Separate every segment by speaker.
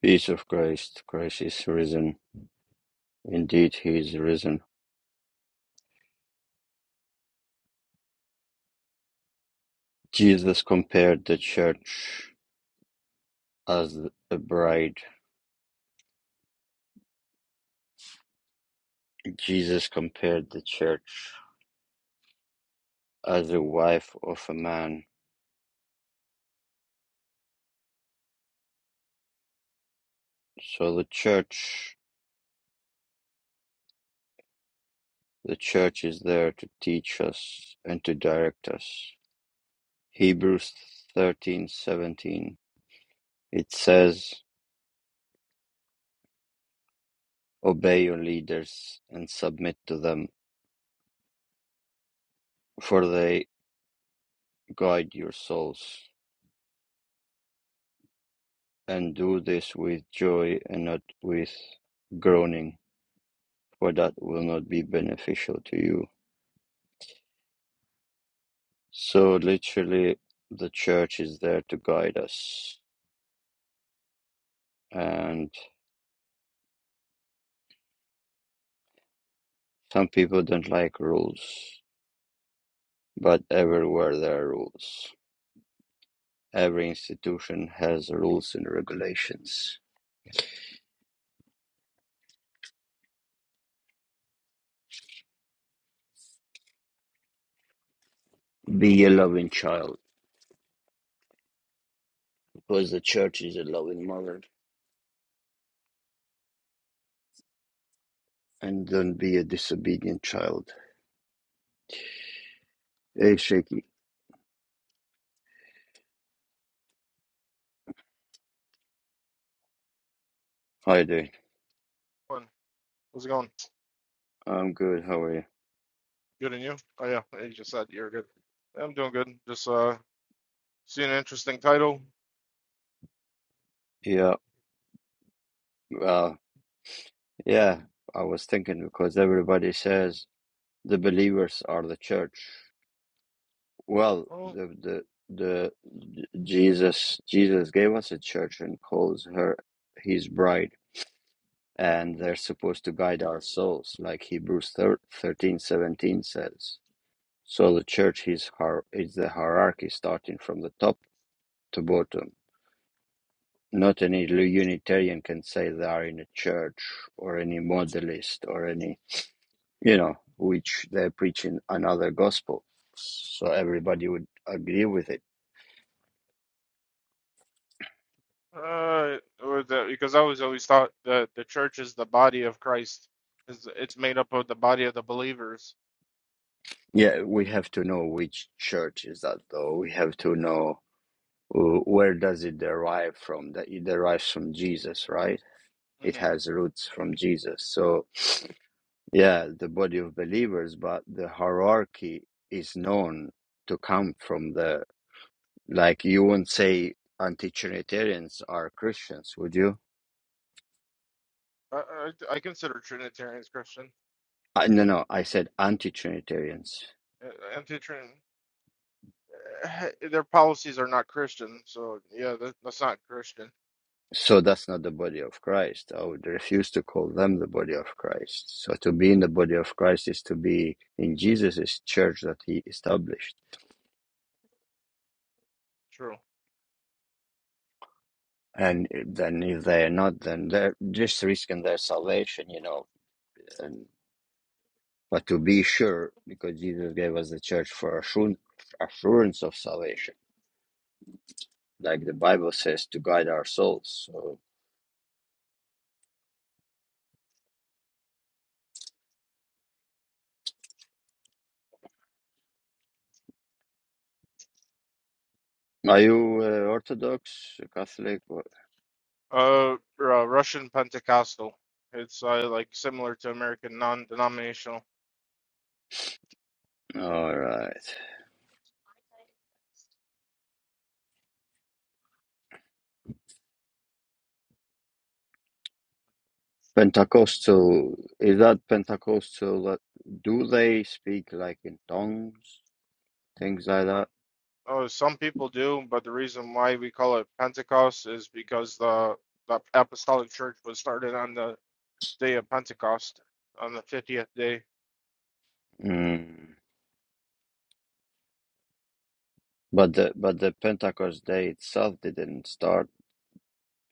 Speaker 1: Peace of Christ. Christ is risen. Indeed, he is risen. Jesus compared the church as a bride. Jesus compared the church as the wife of a man. So the church, the church is there to teach us and to direct us. Hebrews 13:17. It says, "Obey your leaders and submit to them, for they guide your souls." And do this with joy and not with groaning, for that will not be beneficial to you. So, literally, the church is there to guide us. And some people don't like rules, but everywhere there are rules. Every institution has rules and regulations. Be a loving child, because the church is a loving mother. And don't be a disobedient child. Hey, Shaky. Hi, dude.
Speaker 2: Morning. How's it going?
Speaker 1: I'm good. How are you?
Speaker 2: Good and you? Oh yeah, Hey, you just said you're good. Yeah, I'm doing good. Just uh seeing an interesting title.
Speaker 1: Yeah, well, Yeah, I was thinking because everybody says the believers are the church. Well,
Speaker 2: Well,
Speaker 1: the the the Jesus Jesus gave us a church and calls her his bride, and they're supposed to guide our souls, like Hebrews thir- thirteen seventeen says. So the church is hier- is the hierarchy starting from the top to bottom. Not any Unitarian can say they are in a church or any modalist or any. you know, which they're preaching another gospel. So everybody would agree with it.
Speaker 2: uh, or the, because I was always thought that the church is the body of Christ. Is it's made up of the body of the believers.
Speaker 1: Yeah, we have to know which church is that, though. We have to know uh, where does it derive from. That it derives from Jesus, right? It
Speaker 2: hmm
Speaker 1: has roots from Jesus. So yeah, the body of believers, but the hierarchy is known to come from the like. You won't say anti-Trinitarians are Christians, would you?
Speaker 2: I, I I consider Trinitarians Christian.
Speaker 1: Uh, no, no. I said anti-Trinitarians
Speaker 2: Uh, Anti-Trin, uh, their policies are not Christian. So yeah, that, that's not Christian.
Speaker 1: So that's not the body of Christ. I would refuse to call them the body of Christ. So to be in the body of Christ is to be in Jesus' church that he established.
Speaker 2: True.
Speaker 1: And then if they are not, then they're just risking their salvation, you know. And, but to be sure, because Jesus gave us the church for assurance, assurance of salvation, like the Bible says, to guide our souls. So, are you uh, Orthodox, Catholic?
Speaker 2: Uh, uh, Russian Pentecostal. It's uh, like similar to American non-denominational.
Speaker 1: All right. Pentecostal, is that Pentecostal that do they speak like in tongues, things like
Speaker 2: Uh,
Speaker 1: that?
Speaker 2: Oh, some people do, but the reason why we call it Pentecost is because the the apostolic church was started on the day of Pentecost, on the 50th day.
Speaker 1: Mm. But the but the Pentecost Day itself didn't start,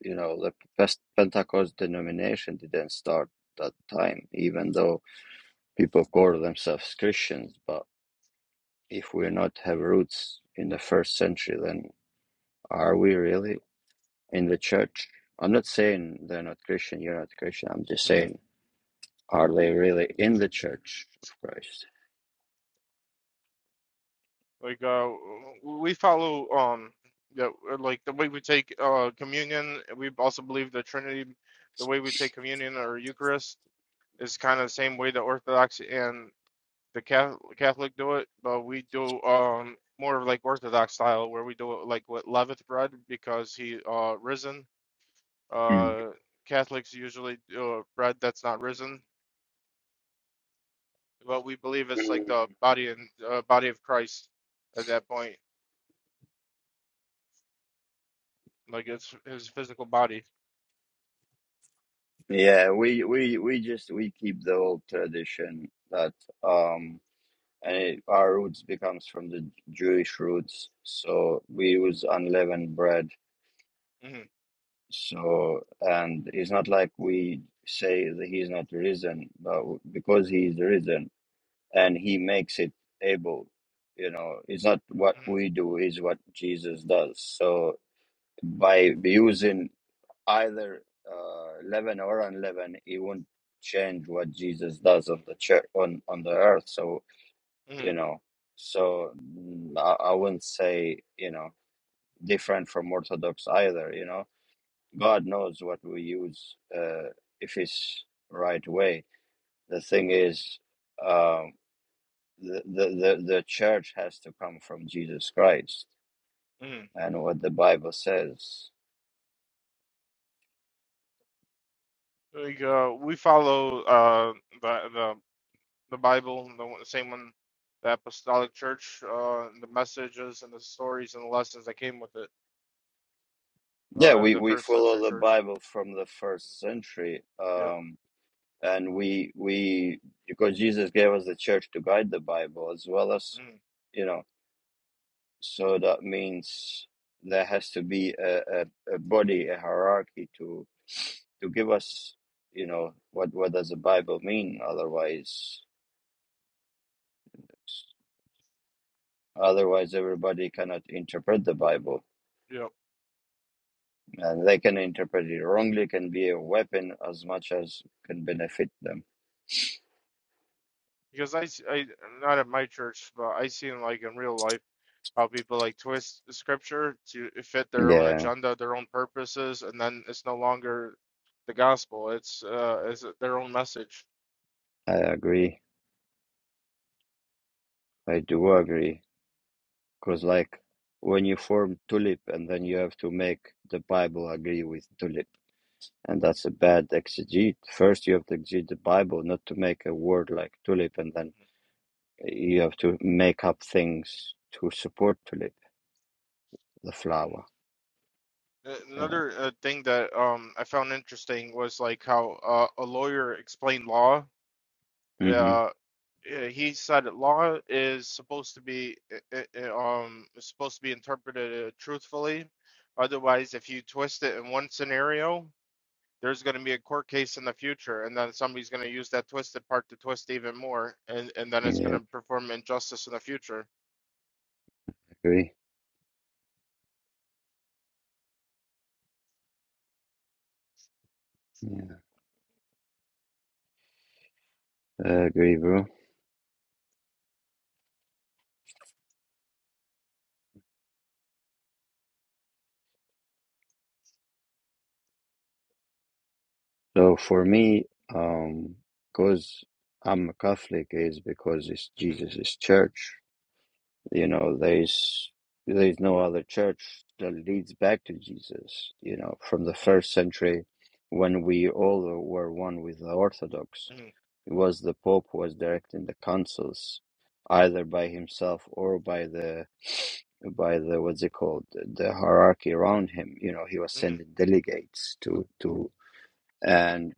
Speaker 1: you know, the Pest- Pentecost denomination didn't start that time, even though people call themselves Christians. But if we're not have roots in the first century, then are we really in the church? I'm not saying they're not Christian, you're not Christian. I'm just
Speaker 2: Mhm.
Speaker 1: saying Are they really in the church of Christ?
Speaker 2: Like uh, we follow um yeah, like the way we take uh communion, we also believe the Trinity, the way we take communion or Eucharist is kind of the same way the Orthodox and the Cath- Catholic do it, but we do um more of like Orthodox style where we do it like with leavened bread because he uh risen
Speaker 1: Mm.
Speaker 2: Uh, Catholics usually uh, bread that's not risen, but we believe it's like
Speaker 1: Mm.
Speaker 2: the body and uh, body of Christ at that point, like it's his physical body.
Speaker 1: Yeah, we we we just we keep the old tradition that um and it, our roots becomes from the Jewish roots, so we use unleavened bread.
Speaker 2: hmm
Speaker 1: So and it's not like we say that he's not risen, but because he is risen and he makes it able, you know, it's not what
Speaker 2: hmm
Speaker 1: we do, is what Jesus does. So by using either uh, 11 or unleavened, it won't change what Jesus does on the church on on the earth. So
Speaker 2: hmm
Speaker 1: you know, so mm, I, I wouldn't say you know different from Orthodox either. You know, God knows what we use uh, if it's right way. The thing is, um the, the the the church has to come from Jesus Christ
Speaker 2: hmm
Speaker 1: and what the Bible says.
Speaker 2: Like uh, we follow uh the the the Bible, the, one- the same one, the Apostolic Church, uh, the messages and the stories and the lessons that came with it.
Speaker 1: Yeah,
Speaker 2: Uh,
Speaker 1: we,
Speaker 2: the
Speaker 1: we
Speaker 2: first century
Speaker 1: follow the
Speaker 2: church.
Speaker 1: Bible from the first century.
Speaker 2: Yep.
Speaker 1: Um, and we we because Jesus gave us the church to guide the Bible as well as
Speaker 2: Mm,
Speaker 1: you know so that means there has to be a, a, a body a hierarchy to to give us you know what what does the Bible mean otherwise otherwise everybody cannot interpret the Bible
Speaker 2: yep.
Speaker 1: and they can interpret it wrongly can be a weapon as much as can benefit them
Speaker 2: Because I, s- I- not at my church, but I seen like in real life how people like twist scripture to fit their own
Speaker 1: yeah
Speaker 2: agenda, their own purposes, and then it's no longer the gospel. It's uh, it's their own message.
Speaker 1: I agree I do agree Because like when you form tulip and then you have to make the Bible agree with tulip. And that's a bad exegete. First you have to exegete the Bible, not to make a word like tulip and then you have to make up things to support tulip, the
Speaker 2: Mm.
Speaker 1: flower. You know.
Speaker 2: Another uh, thing that um I found interesting was like how uh, a lawyer explained law.
Speaker 1: hmm
Speaker 2: Uh, uh, he said that law is supposed to be i- i- um supposed to be interpreted uh, truthfully. Otherwise, if you twist it in one scenario, there's going to be a court case in the future, and then somebody's going to use that twisted part to twist even more, and and then it's going
Speaker 1: Yeah,
Speaker 2: to perform injustice in the future.
Speaker 1: agree. Yeah. I agree, bro. So for me, um, because I'm a Catholic is because it's
Speaker 2: Mm-hmm,
Speaker 1: Jesus' church. You know, there's there's no other church that leads back to Jesus. You know, from the first
Speaker 2: mm-hmm,
Speaker 1: century, when we all were one with the Orthodox,
Speaker 2: mm-hmm,
Speaker 1: it was the Pope who was directing the councils, either by himself or by the by the what's it called the hierarchy around him. You know, he was sending
Speaker 2: mm-hmm.
Speaker 1: delegates to to and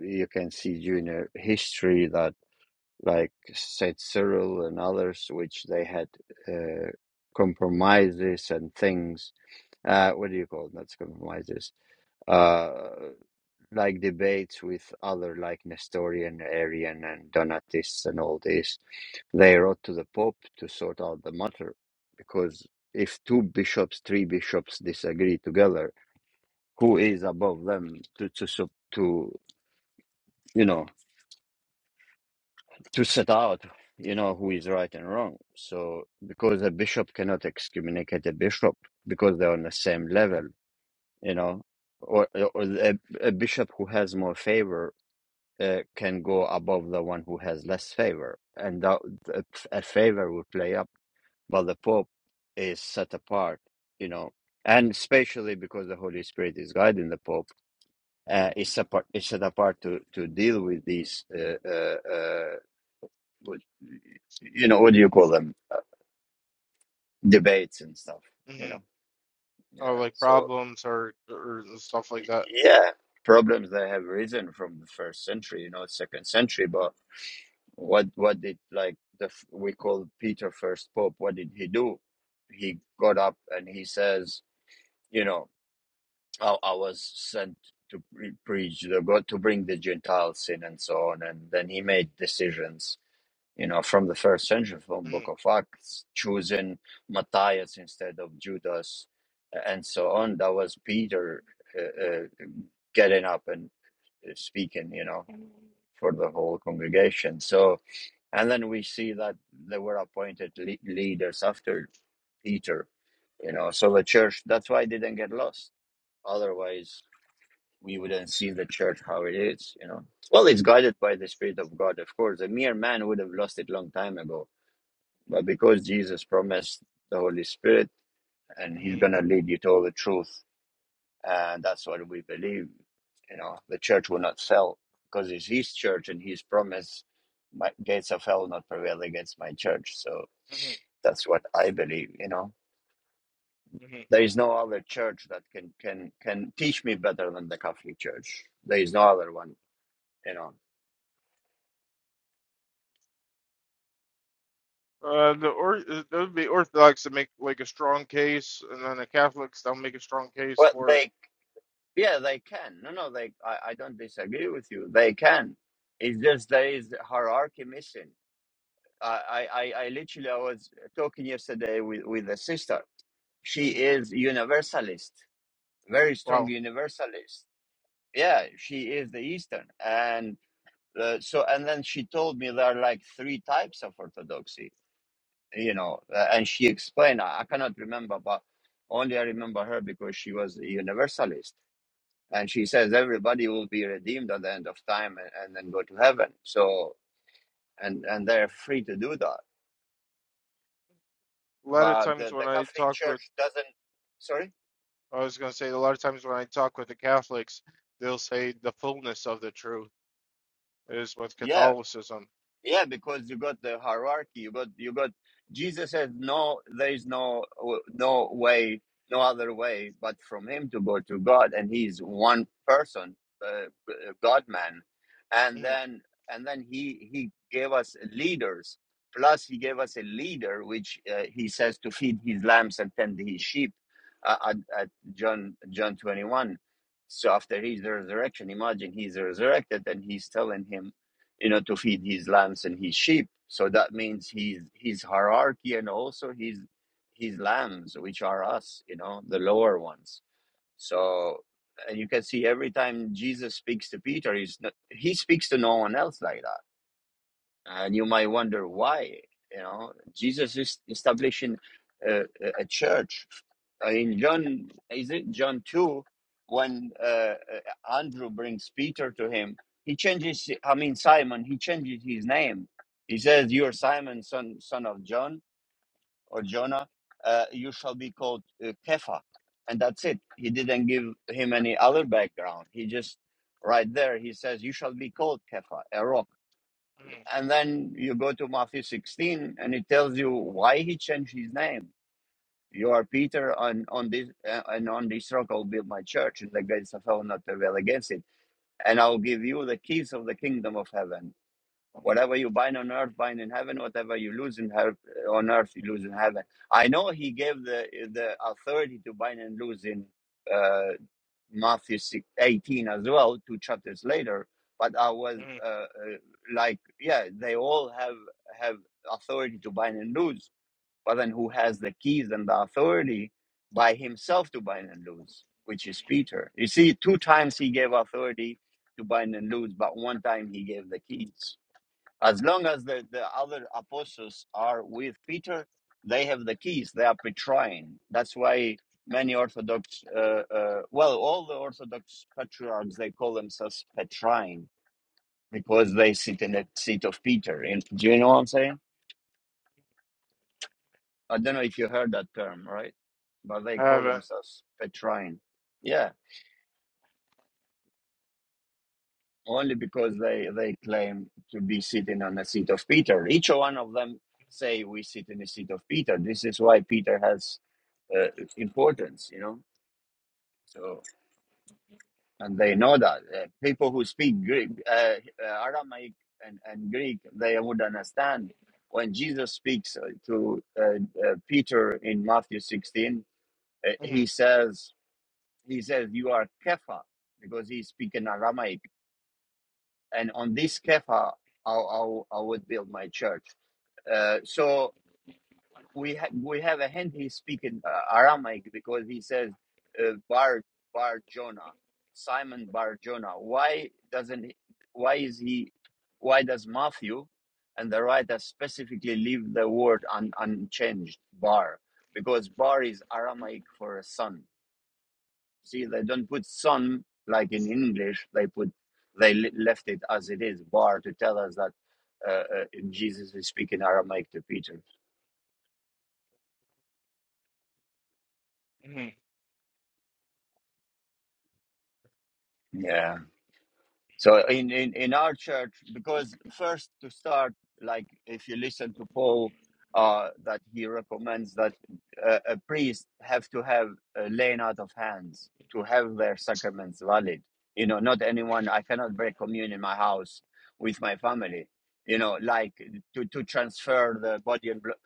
Speaker 1: you can see during uh, history that like Saint Cyril and others, which they had uh, compromises and things. Uh, what do you call it? Not compromises. Uh, like debates with other, like Nestorian, Arian, and Donatists, and all this. They wrote to the Pope to sort out the matter, because if two bishops, three bishops disagree together, who is above them to to sup- to you know to set out, you know, who is right and wrong. So because a bishop cannot excommunicate a bishop because they're on the same level, you know, or, or a, a bishop who has more favor uh, can go above the one who has less favor, and that a, a favor will play up, but the pope is set apart, you know, and especially because the Holy Spirit is guiding the pope. Uh, is, apart, is set apart to, to deal with these uh, uh, uh, what- you know, what do you call them? Uh, debates and stuff, you
Speaker 2: mm-hmm.
Speaker 1: know?
Speaker 2: Oh,
Speaker 1: Yeah.
Speaker 2: like
Speaker 1: So,
Speaker 2: problems or or stuff like that.
Speaker 1: yeah, problems that have risen from the first century, you know, second century, but what, what did like the, f- we call Peter first Pope, what did he do? He got up and he says, you know, I, I was sent to pre- preach the God, to bring the Gentiles in and so on. And then he made decisions you know, from the first century, from
Speaker 2: Mm-hmm,
Speaker 1: Book of Acts, choosing Matthias instead of Judas, and so on. That was Peter uh, uh, getting up and uh, speaking, you know, for the whole congregation. So, and then we see that they were appointed le- leaders after Peter, you know. So the church, that's why it didn't get lost. Otherwise, we wouldn't see the church how it is, you know. Well, it's guided by the Spirit of God, of course. A mere man would have lost it long time ago but because Jesus promised the Holy Spirit and He's
Speaker 2: mm-hmm,
Speaker 1: going to lead you to all the truth, and that's what we believe, you know, the church will not fail because it's His church and His promise, my gates of hell will not prevail against my church. So
Speaker 2: mm-hmm,
Speaker 1: that's what I believe, you know.
Speaker 2: mm-hmm.
Speaker 1: There is no other church that can, can, can teach me better than the Catholic Church. There is no other one, you know.
Speaker 2: Uh, the or uh, there would be Orthodox that make like a strong case, and then the Catholics they'll make a strong case
Speaker 1: Well,
Speaker 2: for
Speaker 1: they
Speaker 2: it.
Speaker 1: Yeah, they can. No, no, they. I, I don't disagree with you. They can. It's just there is hierarchy missing. I, I, I I literally I was talking yesterday with with a sister. She
Speaker 2: hmm
Speaker 1: is universalist, very strong
Speaker 2: Wow,
Speaker 1: universalist. Yeah, she is the Eastern, and uh, so and then she told me there are like three types of orthodoxy. You know, uh, and she explained. I, I cannot remember, but only I remember her because she was a universalist and she says everybody will be redeemed at the end of time and, and then go to heaven so and and they're free to do that
Speaker 2: a lot of
Speaker 1: but
Speaker 2: times
Speaker 1: the,
Speaker 2: when
Speaker 1: the
Speaker 2: I
Speaker 1: catholic
Speaker 2: talk with,
Speaker 1: church doesn't sorry
Speaker 2: I was gonna say a lot of times when I talk with the Catholics, they'll say the fullness of the truth is with
Speaker 1: yeah
Speaker 2: Catholicism.
Speaker 1: Yeah, because you got the hierarchy. You got you got Jesus says no, there is no no way, no other way but from him to go to God, and he's one person, uh, God man, and
Speaker 2: Mhm,
Speaker 1: then and then he he gave us leaders. Plus, he gave us a leader, which uh, he says to feed his lambs and tend his sheep, uh, at, at John John twenty one. So after his resurrection, imagine he's resurrected, and he's telling him you know, to feed his lambs and his sheep. So that means his his hierarchy and also his his lambs, which are us, you know, the lower ones. So and you can see every time Jesus speaks to Peter, he's not, he speaks to no one else like that. And you might wonder why, you know, Jesus is establishing a, a a church in John, is it John 2, when uh, uh, Andrew brings Peter to him, he changes, I mean, Simon, he changes his name. He says, You're Simon, son, son of John or Jonah. Uh, you shall be called uh, Kepha. And that's it. He didn't give him any other background. He just, right there, he says, You shall be called Kepha, a rock.
Speaker 2: mhm,
Speaker 1: And then you go to Matthew 16, and it tells you why he changed his name you are Peter, and on this uh, and on this rock I'll build my church, and the gates of hell not prevail against it. And I'll give you the keys of the kingdom of heaven. Whatever you bind on earth, bind in heaven. Whatever you lose in heaven, on earth, you lose in heaven. I know he gave the the authority to bind and lose in uh, Matthew 18 as well, two chapters later. But I was
Speaker 2: mhm.
Speaker 1: uh, uh, like, yeah, they all have have authority to bind and lose but then who has the keys and the authority by himself to bind and loose, which is Peter. You see, two times he gave authority to bind and loose, but one time he gave the keys. As long as the, the other apostles are with Peter, they have the keys. They are Petrine. That's why many Orthodox, uh, uh, well, all the Orthodox patriarchs, they call themselves Petrine because they sit in the seat of Peter. And, do you know what I'm saying? I don't know if you heard that term, right? But they
Speaker 2: I
Speaker 1: call
Speaker 2: haven't.
Speaker 1: themselves Petrine. Yeah, only because they, they claim to be sitting on the seat of Peter. Each one of them say we sit in the seat of Peter. This is why Peter has uh, importance, you know. So and they know that uh, people who speak Greek, uh, uh, Aramaic, and, and Greek, they would understand when Jesus speaks uh, to uh, uh, Peter in Matthew sixteen. Uh, he
Speaker 2: mhm,
Speaker 1: says he says, You are Kefa because he's speaking Aramaic. And on this Kefa, I, I, I would build my church. Uh, so we ha- we have a hint he's speaking uh, Aramaic because he says, uh, Bar, Bar Jonah, Simon Bar Jonah. Why doesn't he, why is he, why does Matthew and the writer specifically leave the word un, unchanged, Bar? Because Bar is Aramaic for a son See, they don't put son like in English. They put they left it as it is, bar to tell us that uh, uh, Jesus is speaking Aramaic to Peter.
Speaker 2: mhm,
Speaker 1: Yeah. So in, in, in our church, because first to start, like if you listen to Paul, uh, that he recommends that uh, a priest have to have a laying out of hands to have their sacraments valid. You know, not anyone. I cannot break communion in my house with my family. You know, like to to transfer the body and blo-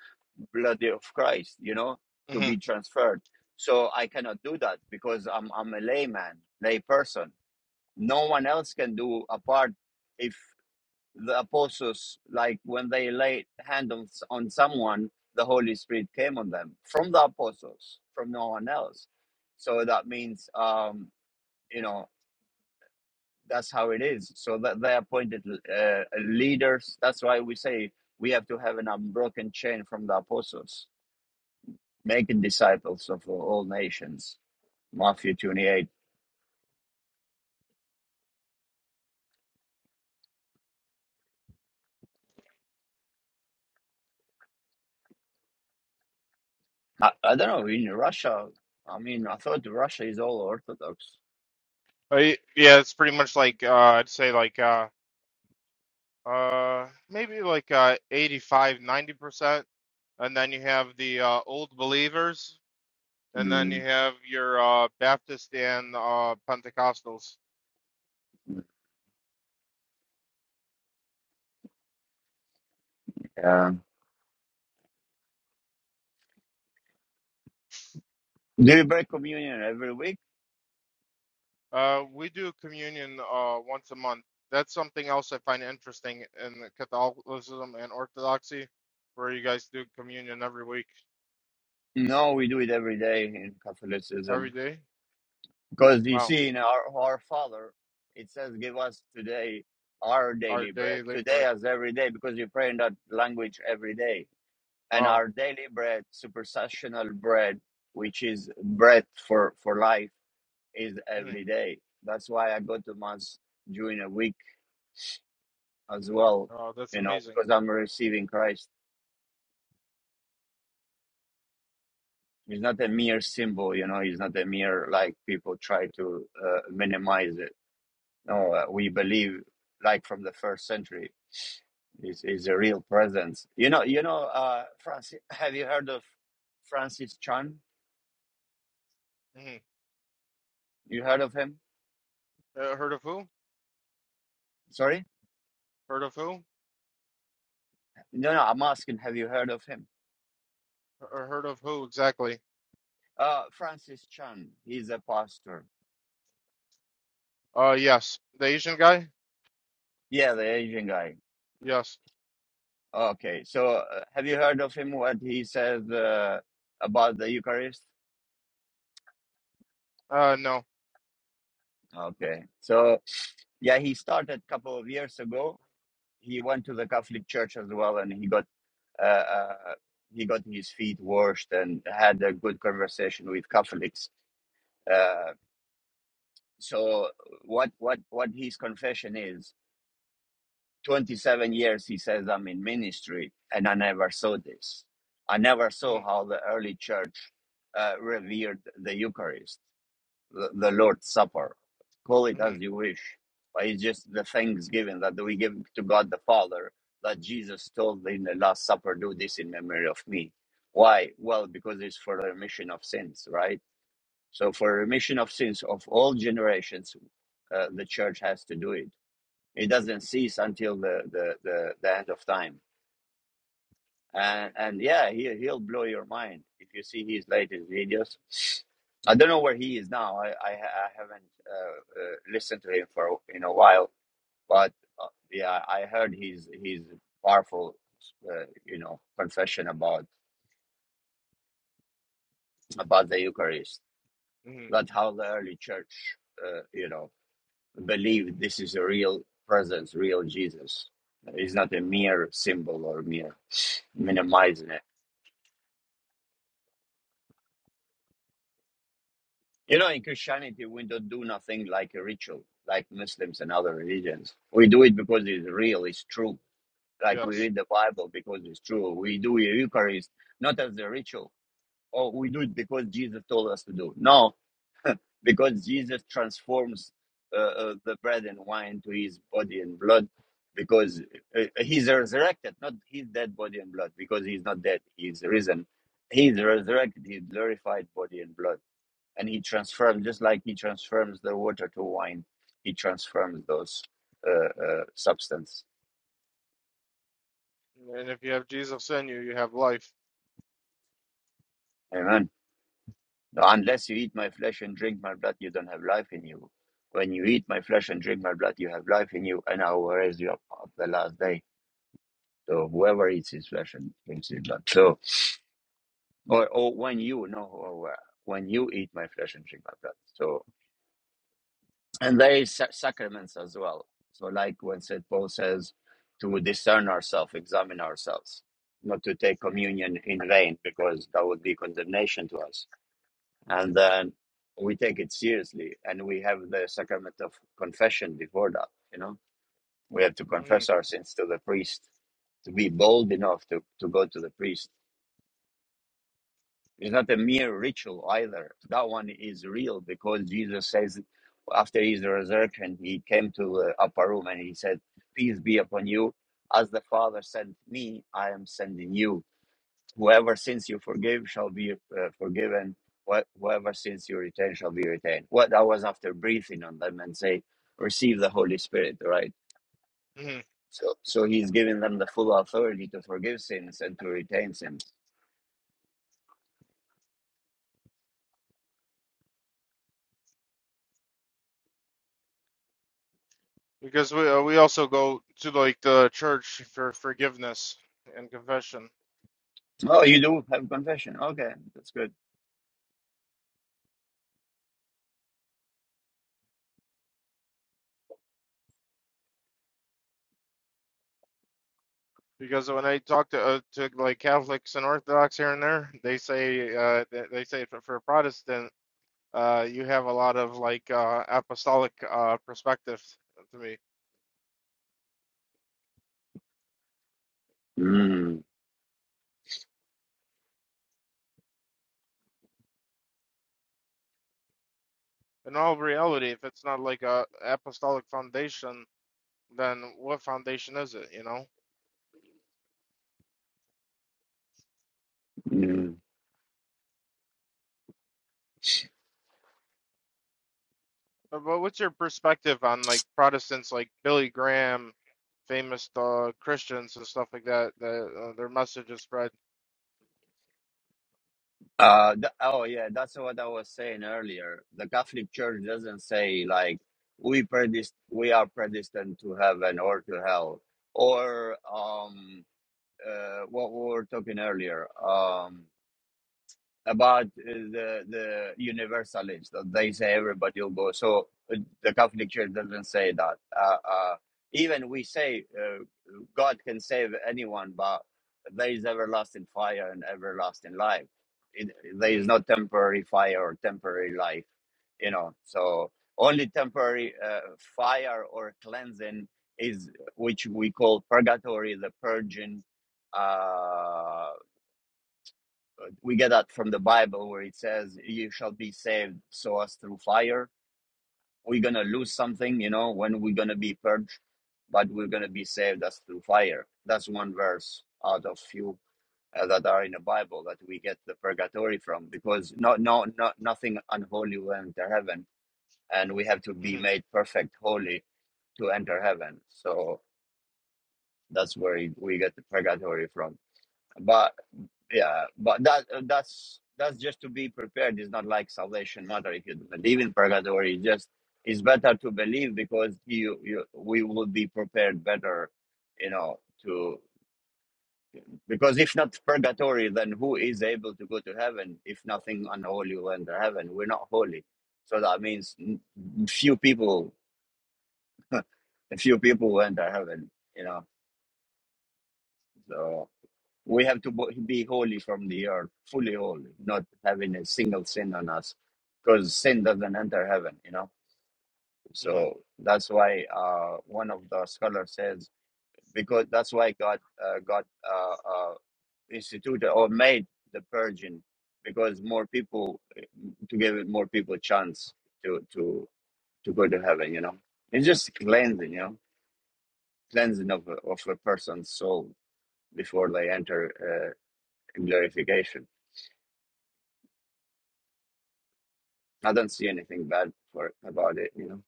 Speaker 1: blood of Christ. You know, to be
Speaker 2: mhm.
Speaker 1: transferred. So I cannot do that because I'm I'm a layman, lay person no one else can do apart if the apostles like when they laid hand on, on someone the holy spirit came on them from the apostles from no one else so that means um you know that's how it is so that they appointed uh, leaders that's why we say we have to have an unbroken chain from the apostles making disciples of all nations matthew 28 i, I don't know in russia i mean i thought russia is all orthodox
Speaker 2: But y- yeah, it's pretty much like uh, I'd say like uh, uh, maybe like uh, 85, ninety percent, and then you have the uh, old believers, and then you
Speaker 1: Mm,
Speaker 2: have your uh, Baptist and uh, Pentecostals.
Speaker 1: yeah. Do you break communion every week?
Speaker 2: Uh, we do communion uh, once a month. That's something else I find interesting in the Catholicism and Orthodoxy, where you guys do communion every week,
Speaker 1: No, we do it every day in
Speaker 2: every
Speaker 1: Catholicism.
Speaker 2: day.
Speaker 1: Because you
Speaker 2: Wow.
Speaker 1: see, in our, our Father, it says, Give us today our
Speaker 2: Our
Speaker 1: daily bread.
Speaker 2: daily
Speaker 1: Today
Speaker 2: bread.
Speaker 1: as every day, because you pray in that language every day. And
Speaker 2: Wow.
Speaker 1: our daily bread, supersessional bread, which is bread for, for life, is
Speaker 2: Mm.
Speaker 1: every day. That's why I go to Mass during a week as well,
Speaker 2: Oh, that's
Speaker 1: you know,
Speaker 2: amazing.
Speaker 1: because I'm receiving Christ It's not a mere symbol, you know. It's not a mere like people try to uh, minimize it. No, uh, we believe like from the first century is is a real presence. You know, you know. Uh, Francis, have you heard of Francis Chan?
Speaker 2: Mm.
Speaker 1: You heard of him?
Speaker 2: Uh, heard of who?
Speaker 1: Sorry,
Speaker 2: Heard of who?
Speaker 1: no, no. I'm asking, have you heard of him?
Speaker 2: Uh, heard of who exactly?
Speaker 1: Uh, Francis Chan. He's a pastor.
Speaker 2: Uh, yes. The Asian guy?
Speaker 1: Yeah, the Asian guy.
Speaker 2: Yes.
Speaker 1: Okay, so uh, have you heard of him? What he says uh, about the Eucharist?
Speaker 2: Uh, no.
Speaker 1: Okay, so Yeah, he started a couple of years ago. He went to the Catholic Church as well, and he got uh, uh, he got his feet washed and had a good conversation with Catholics. Uh, so what what what his confession is? Twenty seven years he says I'm in ministry, and I never saw this. I never
Speaker 2: hmm
Speaker 1: saw how the early church uh, revered the Eucharist. the, the Lord's Supper. Call it as
Speaker 2: hmm
Speaker 1: you wish, but it's just the thanksgiving that we give to God the Father that Jesus told in the Last Supper, do this in memory of me. Why? Well, because it's for the remission of sins, right? So, for remission of sins of all generations, uh, the church has to do it. It doesn't cease until the, the, the, the end of time and and yeah, he he'll blow your mind if you see his latest videos. I don't know where he is now. I I, I haven't uh, uh, listened to him for in a while, but uh, yeah, I heard his his powerful, uh, you know, confession about about the Eucharist,
Speaker 2: hmm
Speaker 1: that how the early church, uh, you know, believed this is a real presence, real Jesus. It's not a mere symbol or mere minimizing it. You know, in Christianity, we don't do nothing like a ritual, like Muslims and other religions. We do it because it's real, it's true. Like we
Speaker 2: Yes.
Speaker 1: read the Bible because it's true. We do a Eucharist not as a ritual, or we do it because Jesus told us to do. No, because Jesus transforms uh, uh, the bread and wine to His body and blood, because uh, He's resurrected, not His dead body and blood, because He's not dead, He's risen. He's resurrected, His glorified body and blood and he transforms just like he transforms the water to wine he transforms those uh, uh, substance
Speaker 2: And if you have Jesus in you, you have life.
Speaker 1: amen unless you eat my flesh and drink my blood you don't have life in you when you eat my flesh and drink my blood you have life in you and i will raise you up on the last day so whoever eats his flesh and drinks his blood so or, or when you no or when you eat my flesh and drink my blood so. and there is sa- sacraments as well. So, like when St. Paul says to discern ourselves, examine ourselves, not to take communion in vain, because that would be condemnation to us. And then we take it seriously, and we have the sacrament of confession before that. You know, we have to
Speaker 2: hmm
Speaker 1: confess our sins to the priest to be bold enough to, to go to the priest It's not a mere ritual either. That one is real because Jesus says after his resurrection, he came to uh, upper room and he said, Peace be upon you. As the Father sent me, I am sending you. Whoever sins you forgive shall be uh, forgiven. Wh- Whoever sins you retain shall be retained. What that was after breathing on them and say, Receive the Holy Spirit, right?
Speaker 2: hmm
Speaker 1: So, so he's giving them the full authority to forgive sins and to retain sins.
Speaker 2: Because we uh, we also go to like the church for forgiveness and confession.
Speaker 1: Oh, you do have confession. Okay, that's good.
Speaker 2: Because when I talk to uh, to like Catholics and Orthodox here and there, they say uh they, they say for, for Protestant. Uh, you have a lot of like uh, apostolic uh, perspective to me.
Speaker 1: Mm.
Speaker 2: In all reality, if it's not like a apostolic foundation, then what foundation is it? You know.
Speaker 1: Mm.
Speaker 2: But, but what's your perspective on like Protestants like Billy Graham, famous uh, Christians and stuff like that? That uh, their message is spread.
Speaker 1: Uh, th- oh yeah, that's what I was saying earlier. The Catholic Church doesn't say like we predest- we are predestined to heaven or to hell, or um, uh, what we were talking earlier. Um, about uh, the the universalist, that they say everybody will go. So uh, the Catholic Church doesn't say that. Uh, uh, even we say uh, God can save anyone, but there is everlasting fire and everlasting life. It, there is
Speaker 2: hmm
Speaker 1: no temporary fire or temporary life, you know. So only temporary uh, fire or cleansing is which we call purgatory, the purging. Uh, we get that from the Bible where it says, "You shall be saved, so as through fire." We're gonna lose something, you know, when we're gonna be purged, but we're gonna be saved as through fire. That's one verse out of few uh, that are in the Bible that we get the purgatory from, because no, no, no, nothing unholy will enter heaven, and we have to be
Speaker 2: hmm
Speaker 1: made perfect, holy, to enter heaven. So that's where we get the purgatory from. But Yeah, but that uh, that's that's just to be prepared. It's not like salvation matter if you believe in purgatory. It's just it's better to believe because you, you we will be prepared better, you know. To because if not purgatory, then who is able to go to heaven if nothing unholy went to heaven? We're not holy, so that means n- few people, few people went to heaven, you know. So. We have to bo- be holy from the earth, fully holy, not having a single sin on us, because sin doesn't enter heaven, you know.
Speaker 2: hmm
Speaker 1: So that's why uh, one of the scholars says because that's why God uh, God uh, uh, instituted or made the purging because more people to give it more people chance to to to go to heaven, you know. It's just cleansing, you know, cleansing of a- of a person's soul before they enter uh, glorification. I don't see anything bad for about it, you know.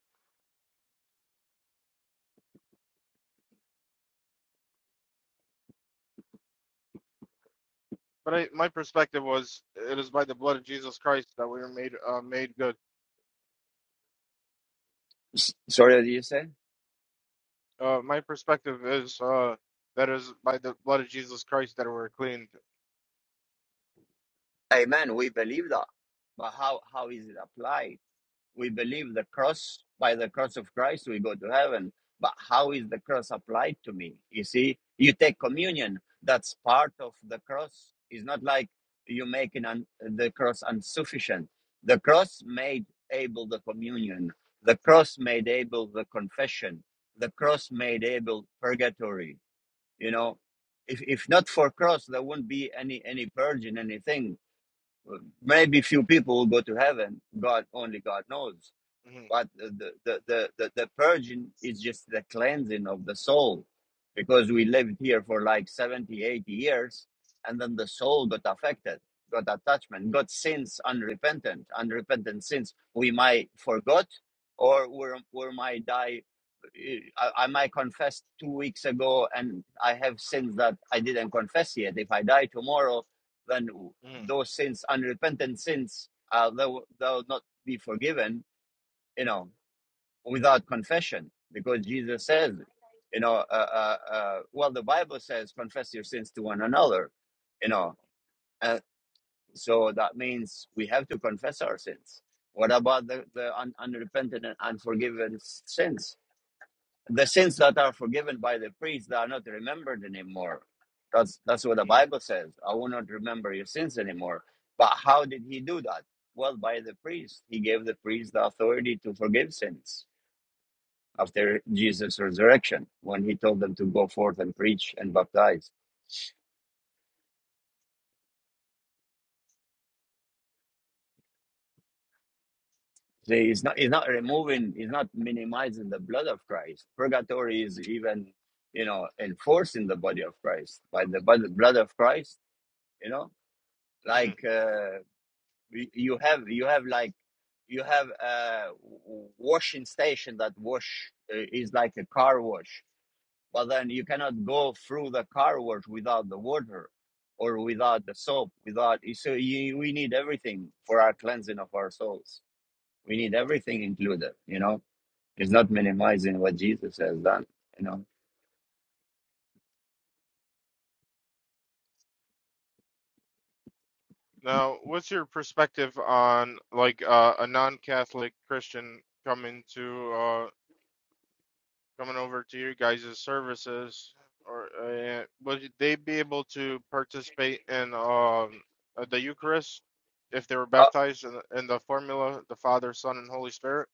Speaker 2: But I, my perspective was, it is by the blood of Jesus Christ that we are made uh, made good.
Speaker 1: S- sorry, what did you say?
Speaker 2: Uh, my perspective is uh, that is by the blood of Jesus Christ that we're cleaned.
Speaker 1: Amen. We believe that, but how how is it applied? We believe the cross by the cross of Christ we go to heaven, but how is the cross applied to me? You see, you take communion. That's part of the cross. It's not like you making un, the cross insufficient. The cross made able the communion. The cross made able the confession. The cross made able purgatory you know if if not for cross there wouldn't be any any purging anything maybe few people will go to heaven god only god knows
Speaker 2: Mhm,
Speaker 1: but the, the, the, the, the purging is just the cleansing of the soul because we lived here for like 70, 80 years and then the soul got affected got attachment got sins unrepentant unrepentant sins we might forgot or we we might die I, I might confess two weeks ago and i have sins that i didn't confess yet if i die tomorrow then
Speaker 2: mhm,
Speaker 1: those sins unrepentant sins uh, they'll, they'll not be forgiven you know without confession because jesus says you know uh, uh, uh, well the bible says confess your sins to one another you know uh, so that means we have to confess our sins what about the, the un- unrepentant and unforgiven sins the sins that are forgiven by the priest that are not remembered anymore that's that's what the
Speaker 2: mhm,
Speaker 1: bible says i will not remember your sins anymore but how did he do that well by the priest he gave the priest the authority to forgive sins after Jesus' resurrection when he told them to go forth and preach and baptize. So he's not he's not removing he's not minimizing the blood of Christ. Purgatory is even you know enforcing the body of Christ by the by the blood of Christ. You know,
Speaker 2: mhm.
Speaker 1: like uh, you have you have like you have a washing station that wash uh, is like a car wash Well, then you cannot go through the car wash without the water or without the soap, without. So you, we need everything for our cleansing of our souls. We need everything included, you know? It's not minimizing what Jesus has done, you know?
Speaker 2: Now, what's your perspective on like uh, a non-Catholic Christian coming to uh, coming over to your guys' services, or uh, would they be able to participate in um, uh, the Eucharist if they were
Speaker 1: Uh,
Speaker 2: baptized in, the- in the formula, the Father, Son, and Holy Spirit?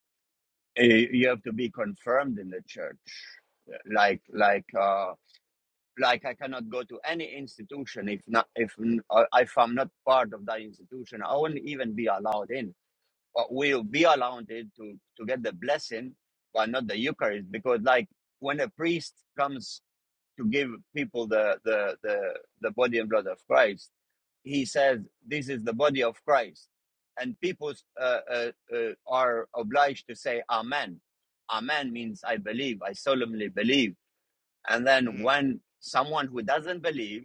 Speaker 1: eh, you have to be confirmed in the church. Like, like, uh, like I cannot go to any institution if not if uh, if I'm not part of that institution I wouldn't even be allowed in what will be allowed to to get the blessing but not the eucharist because like when a priest comes to give people the the the, the body and blood of christ he says this is the body of christ and people uh, uh, uh, are obliged to say amen amen means i believe i solemnly believe and then
Speaker 2: Mhm.
Speaker 1: when someone who doesn't believe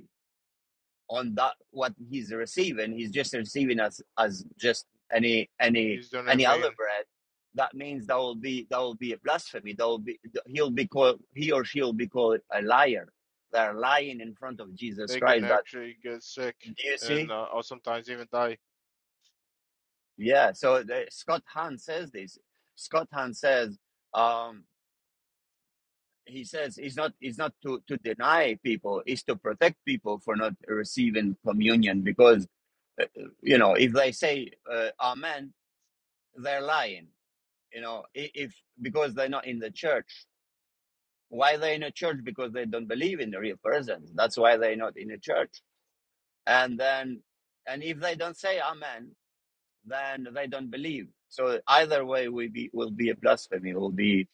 Speaker 1: on that what he's receiving he's just receiving as as just any any
Speaker 2: He's doing it in
Speaker 1: any other
Speaker 2: vain.
Speaker 1: bread that means that will be that will be a blasphemy that will be he'll be called he or she'll be called a liar they're lying in front of jesus
Speaker 2: They can
Speaker 1: christ that
Speaker 2: actually get sick
Speaker 1: do you
Speaker 2: and
Speaker 1: see
Speaker 2: uh, or sometimes even die.
Speaker 1: yeah so the, scott hahn says this scott hahn says um he says it's not it's not to to deny people it's to protect people for not receiving communion because uh, uh, you know if they say uh, amen they're lying you know if because they're not in the church why they're in a church because they don't believe in the real presence that's why they're not in a church and then and if they don't say amen then they don't believe so either way we be will be a blasphemy will be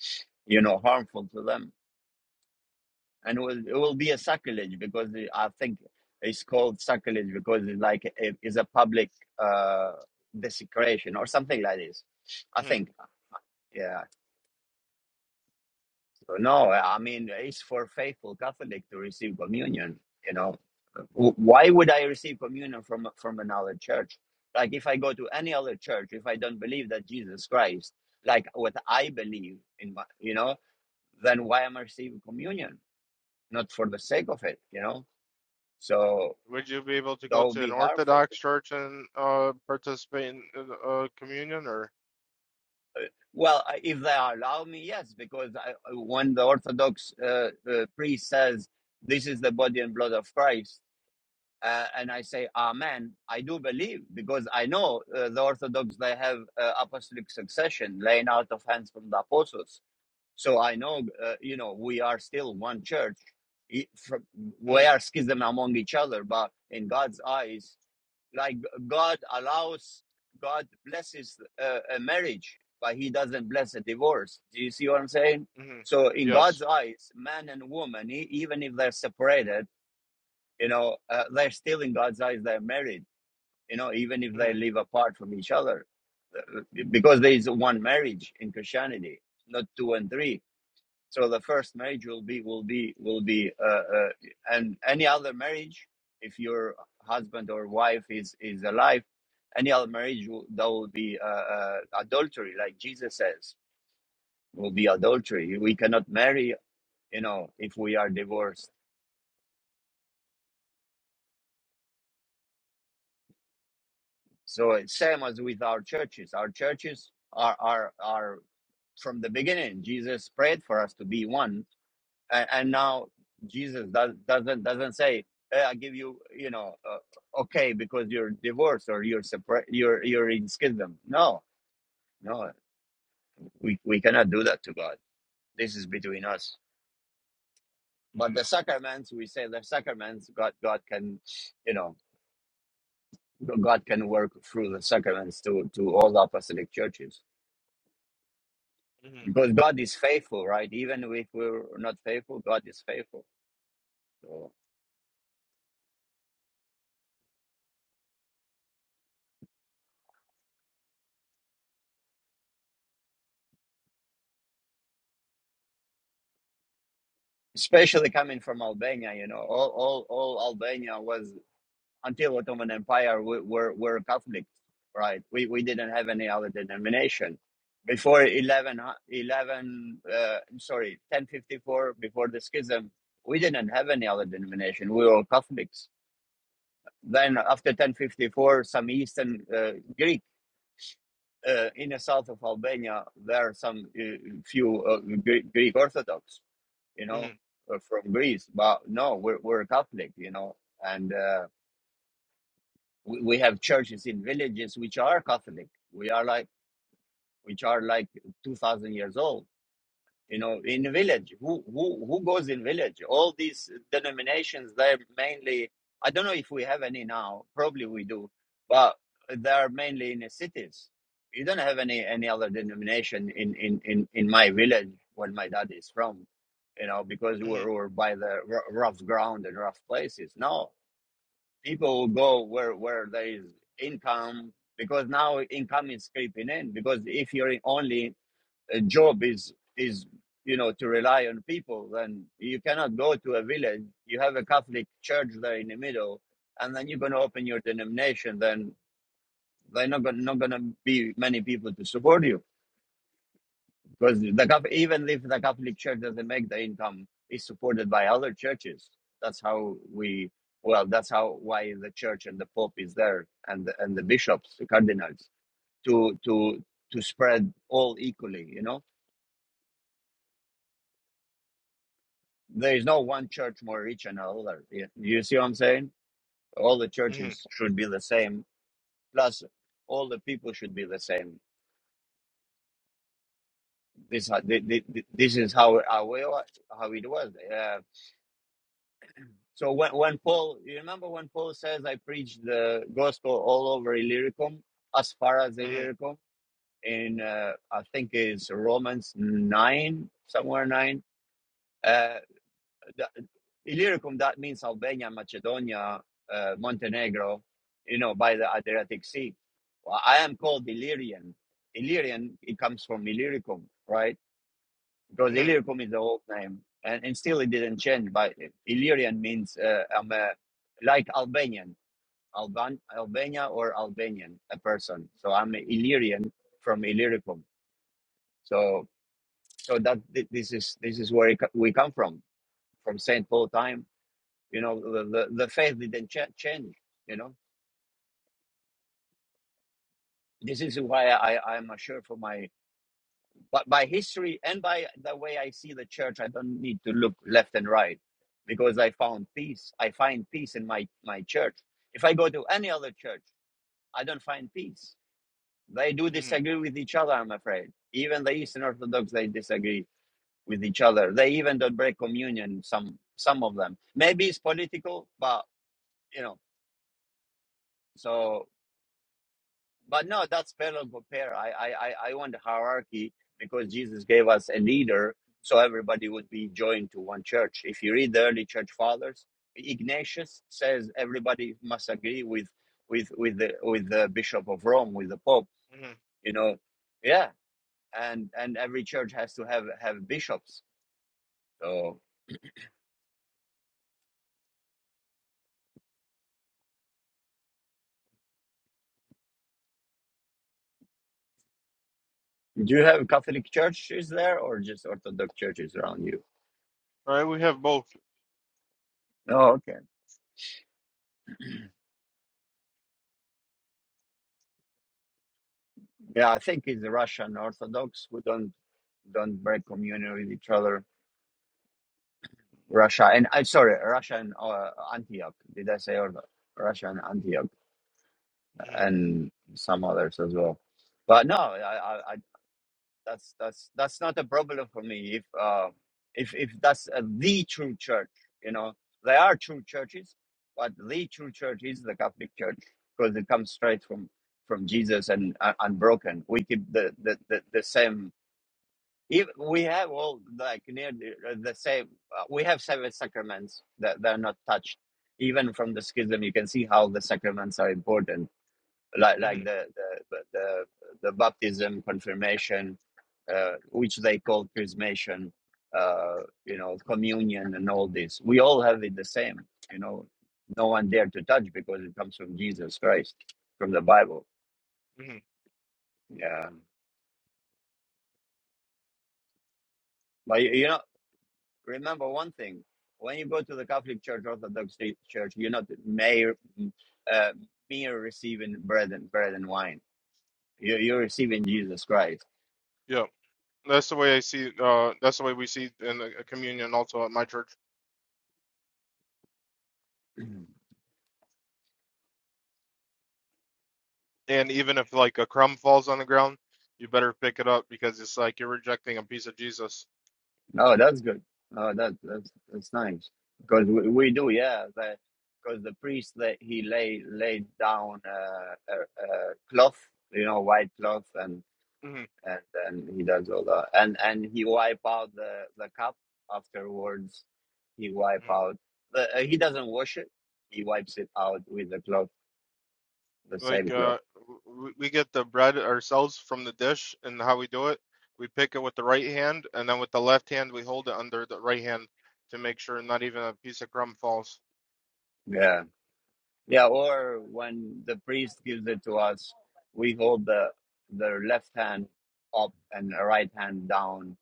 Speaker 1: you know harmful to them and it will, it will be a sacrilege because i think it's called sacrilege because it's like it is a public uh desecration or something like this i
Speaker 2: Hmm.
Speaker 1: think yeah No, I mean, it's for faithful Catholic to receive communion. You know, W- why would I receive communion from from another church? Like, if I go to any other church, if I don't believe that Jesus Christ, like what I believe in, my, you know, then why am I receiving communion? Not for the sake of it, you know. So
Speaker 2: Would you be able to
Speaker 1: that
Speaker 2: go
Speaker 1: would
Speaker 2: to
Speaker 1: be
Speaker 2: an
Speaker 1: harmful. To
Speaker 2: Orthodox church and uh, participate in uh, uh, communion or?
Speaker 1: Well, I- if they allow me, yes, because I, when the Orthodox uh, uh, priest says this is the body and blood of Christ uh, and I say Amen. I do believe because I know uh, the Orthodox they have uh, apostolic succession, laying out of hands from the apostles. So I know, uh, you know, we are still one church. It- from- We
Speaker 2: hmm
Speaker 1: are schism among each other, but in God's eyes, like God allows, God blesses uh, a marriage, but He doesn't bless a divorce. Do you see what I'm saying?
Speaker 2: hmm
Speaker 1: So in God's
Speaker 2: Yes.
Speaker 1: eyes, man and woman, e- even if they're separated, you know, uh, they're still in God's eyes, they're married, you know, even if
Speaker 2: hmm
Speaker 1: they live apart from each other, uh, because there is one marriage in Christianity, not two and three. So the first marriage will be, will be, will be, uh, uh, and any other marriage, if your husband or wife is, is alive, any other marriage, will, that will be uh, uh, adultery, like Jesus says, will be adultery. We cannot marry, you know, if we are divorced So it's same as with our churches. Our churches are are are from the beginning. Jesus prayed for us to be one, and, and now Jesus does, doesn't doesn't say, hey, "I give you, you know, uh, okay, because you're divorced or you're separ- you're you're in schism." No, no, we we cannot do that to God. This is between us. But the sacraments, we say the sacraments, God God can, you know, God can work through the sacraments to to all the apostolic churches.
Speaker 2: hmm
Speaker 1: Because God is faithful, right? Even if we're not faithful, God is faithful. So, especially coming from Albania, you know, all, all, all Albania was until Ottoman Empire we, were were Catholics, right? We we didn't have any other denomination before 11 uh, 11. uh, sorry, ten fifty four before the schism. We didn't have any other denomination. We were Catholics. Then after ten fifty four, some Eastern uh, Greeks uh, in the south of Albania, there are some uh, few uh, Greek, Orthodox, you
Speaker 2: hmm
Speaker 1: know, uh, from Greece. But no, we're, we're Catholic, you know, and uh, we, we have churches in villages which are Catholic. We are like which are like two thousand years old you know in village who who who goes in village all these denominations they're mainly i don't know if we have any now probably we do but they're mainly in the cities you don't have any any other denomination in in in, in my village where my dad is from you know because
Speaker 2: hmm
Speaker 1: we're, we're by the r- rough ground and rough places no people will go where where there is income because now income is creeping in because if you're only a job is is you know to rely on people then you cannot go to a village you have a catholic church there in the middle and then you're going to open your denomination then they're not going not going to be many people to support you because the even if the catholic church doesn't make the income it's supported by other churches that's how we well that's how why the church and the pope is there and and the bishops the cardinals to to to spread all equally you know There is no one church more rich than another. You see what I'm saying? All the
Speaker 2: hmm
Speaker 1: churches should be the same. Plus, all the people should be the same. This ho- thi- thi- this is how how, we, wa- how it was. Uh, so when when Paul, you remember when Paul says, "I preached the gospel all over Illyricum, as far as
Speaker 2: hmm
Speaker 1: Illyricum." In uh, I think it's Romans nine, somewhere nine. Uh, Illyricum, that means Albania, Macedonia, uh, Montenegro, you know, by the Adriatic Sea. Well, I am called Illyrian. Illyrian, it comes from Illyricum, right? Because
Speaker 2: hmm
Speaker 1: Illyricum is the old name, and, and still it didn't change. But Illyrian means uh, I'm a, like Albanian, Alban, Albania or Albanian, a person. So I'm an Illyrian from Illyricum. So, so that thi- this is this is where it, co- we come from, from Saint Paul time You know, the, the, the faith didn't ch- change, you know. This is why I, I'm sure for my, but by history and by the way I see the church, I don't need to look left and right because I found peace. I find peace in my, my church. If I go to any other church, I don't find peace. They do
Speaker 2: hmm
Speaker 1: disagree with each other, I'm afraid. Even the Eastern Orthodox, they disagree with each other. They even don't break communion, some, some of them. Maybe it's political, but, you know, so But no, that's parallel to pair. I, I, I I want the hierarchy because Jesus gave us a leader, so everybody would be joined to one church. If you read the early church fathers, Ignatius says everybody must agree with with with the with the bishop of Rome, with the pope.
Speaker 2: hmm
Speaker 1: You know, yeah, and and every church has to have have bishops. So, do you have Catholic churches there, or just Orthodox churches around you?
Speaker 2: All Right, we have both.
Speaker 1: No, okay. Yeah, I think it's the Russian Orthodox who don't don't break communion with each other. Russia and I'm sorry, Russia and uh, Antioch. Did I say Orthodox? Russia and Antioch
Speaker 2: hmm
Speaker 1: and some others as well. But no, I, I, I that's that's that's not a problem for me. If uh, if if that's uh, the true church, you know, there are true churches, but the true church is the Catholic Church because it comes straight from from Jesus and uh, unbroken. We keep the the the, the same If we have all like near the, the same uh, we have seven sacraments that they're not touched even from the schism you can see how the sacraments are important like like
Speaker 2: hmm
Speaker 1: the the the, the baptism confirmation uh, which they call chrismation uh, you know communion and all this we all have it the same you know no one dare to touch because it comes from jesus christ from the bible
Speaker 2: hmm
Speaker 1: yeah but you know remember one thing when you go to the catholic church orthodox church you're not mere uh, mere receiving bread and bread and wine you're, you're receiving jesus christ
Speaker 2: Yeah, that's the way I see. Uh, that's the way we see in the uh, communion also at my church.
Speaker 1: Mhm.
Speaker 2: And even if like a crumb falls on the ground, you better pick it up because it's like you're rejecting a piece of Jesus.
Speaker 1: oh that's good oh that that's that's nice because we, we do yeah Because the because the priest that he lay laid down uh, a, a cloth you know white cloth and
Speaker 2: Mm-hmm.
Speaker 1: and then he does all that, and and he wipe out the the cup afterwards. He wipe
Speaker 2: Mm.
Speaker 1: out the uh, he doesn't wash it. He wipes it out with the cloth, the
Speaker 2: Like
Speaker 1: same cloth.
Speaker 2: uh, w- we get the bread ourselves from the dish, and how we do it, we pick it with the right hand, and then with the left hand we hold it under the right hand to make sure not even a piece of crumb falls.
Speaker 1: Yeah, yeah. Or when the priest gives it to us, we hold the the left hand up and the right hand down.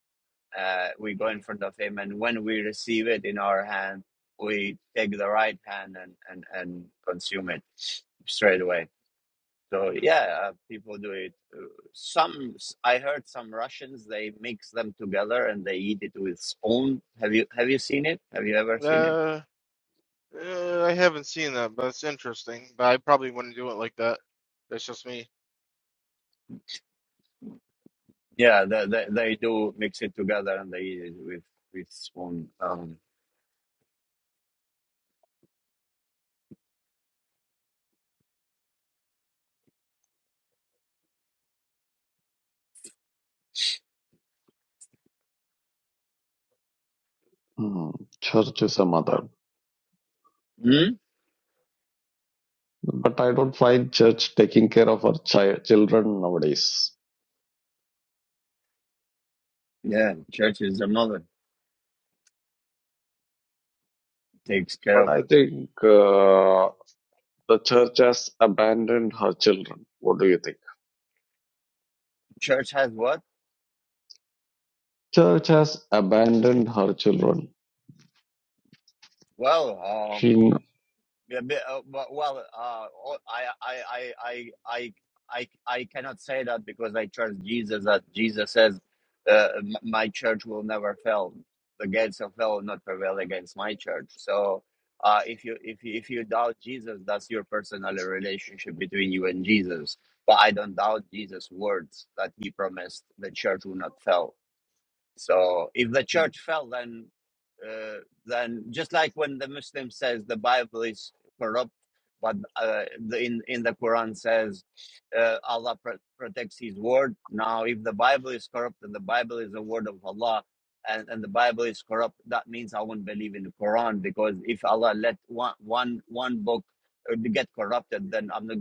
Speaker 1: Uh, we go in
Speaker 2: Mm,
Speaker 1: front of him, and when we receive it in our hand, we take the right hand and and and consume it straight away. So
Speaker 2: mm.
Speaker 1: yeah, uh, people do it. Uh, Some s- I heard some Russians they mix them together and they eat it with spoon. Have you have you seen it? Have you ever seen it?
Speaker 2: Uh, uh, I haven't seen that, but it's interesting. But I probably wouldn't do it like that. That's just me.
Speaker 1: Yeah, they they, they do mix it together and they eat it with with spoon. Um,
Speaker 3: Mm, Church is a mother,
Speaker 1: hmm?
Speaker 3: but I don't find church taking care of our chi- children nowadays.
Speaker 1: Yeah, church is the mother takes care
Speaker 3: But
Speaker 1: of
Speaker 3: I
Speaker 1: us.
Speaker 3: think uh, the church has abandoned her children. What do you think?
Speaker 1: Church has what?
Speaker 3: Church has abandoned her children.
Speaker 1: Well,
Speaker 3: She,
Speaker 1: Yeah, but, uh, well, well, uh, all- I, I, I, I, I, I I cannot say that because I trust Jesus. That Jesus says, uh, m- "My church will never fail. The gates of hell will not prevail against my church." So, uh, if you if you, if you doubt Jesus, that's your personal relationship between you and Jesus. But I don't doubt Jesus' words that He promised the church will not fail. So if the church fell, then uh, then just like when the Muslim says the Bible is corrupt, but uh, the, in in the Quran says uh, Allah pro- protects His word. Now, if the Bible is corrupt and the Bible is the word of Allah, and, and the Bible is corrupt, that means I won't believe in the Quran because if Allah let one one one book uh, get corrupted, then I'm not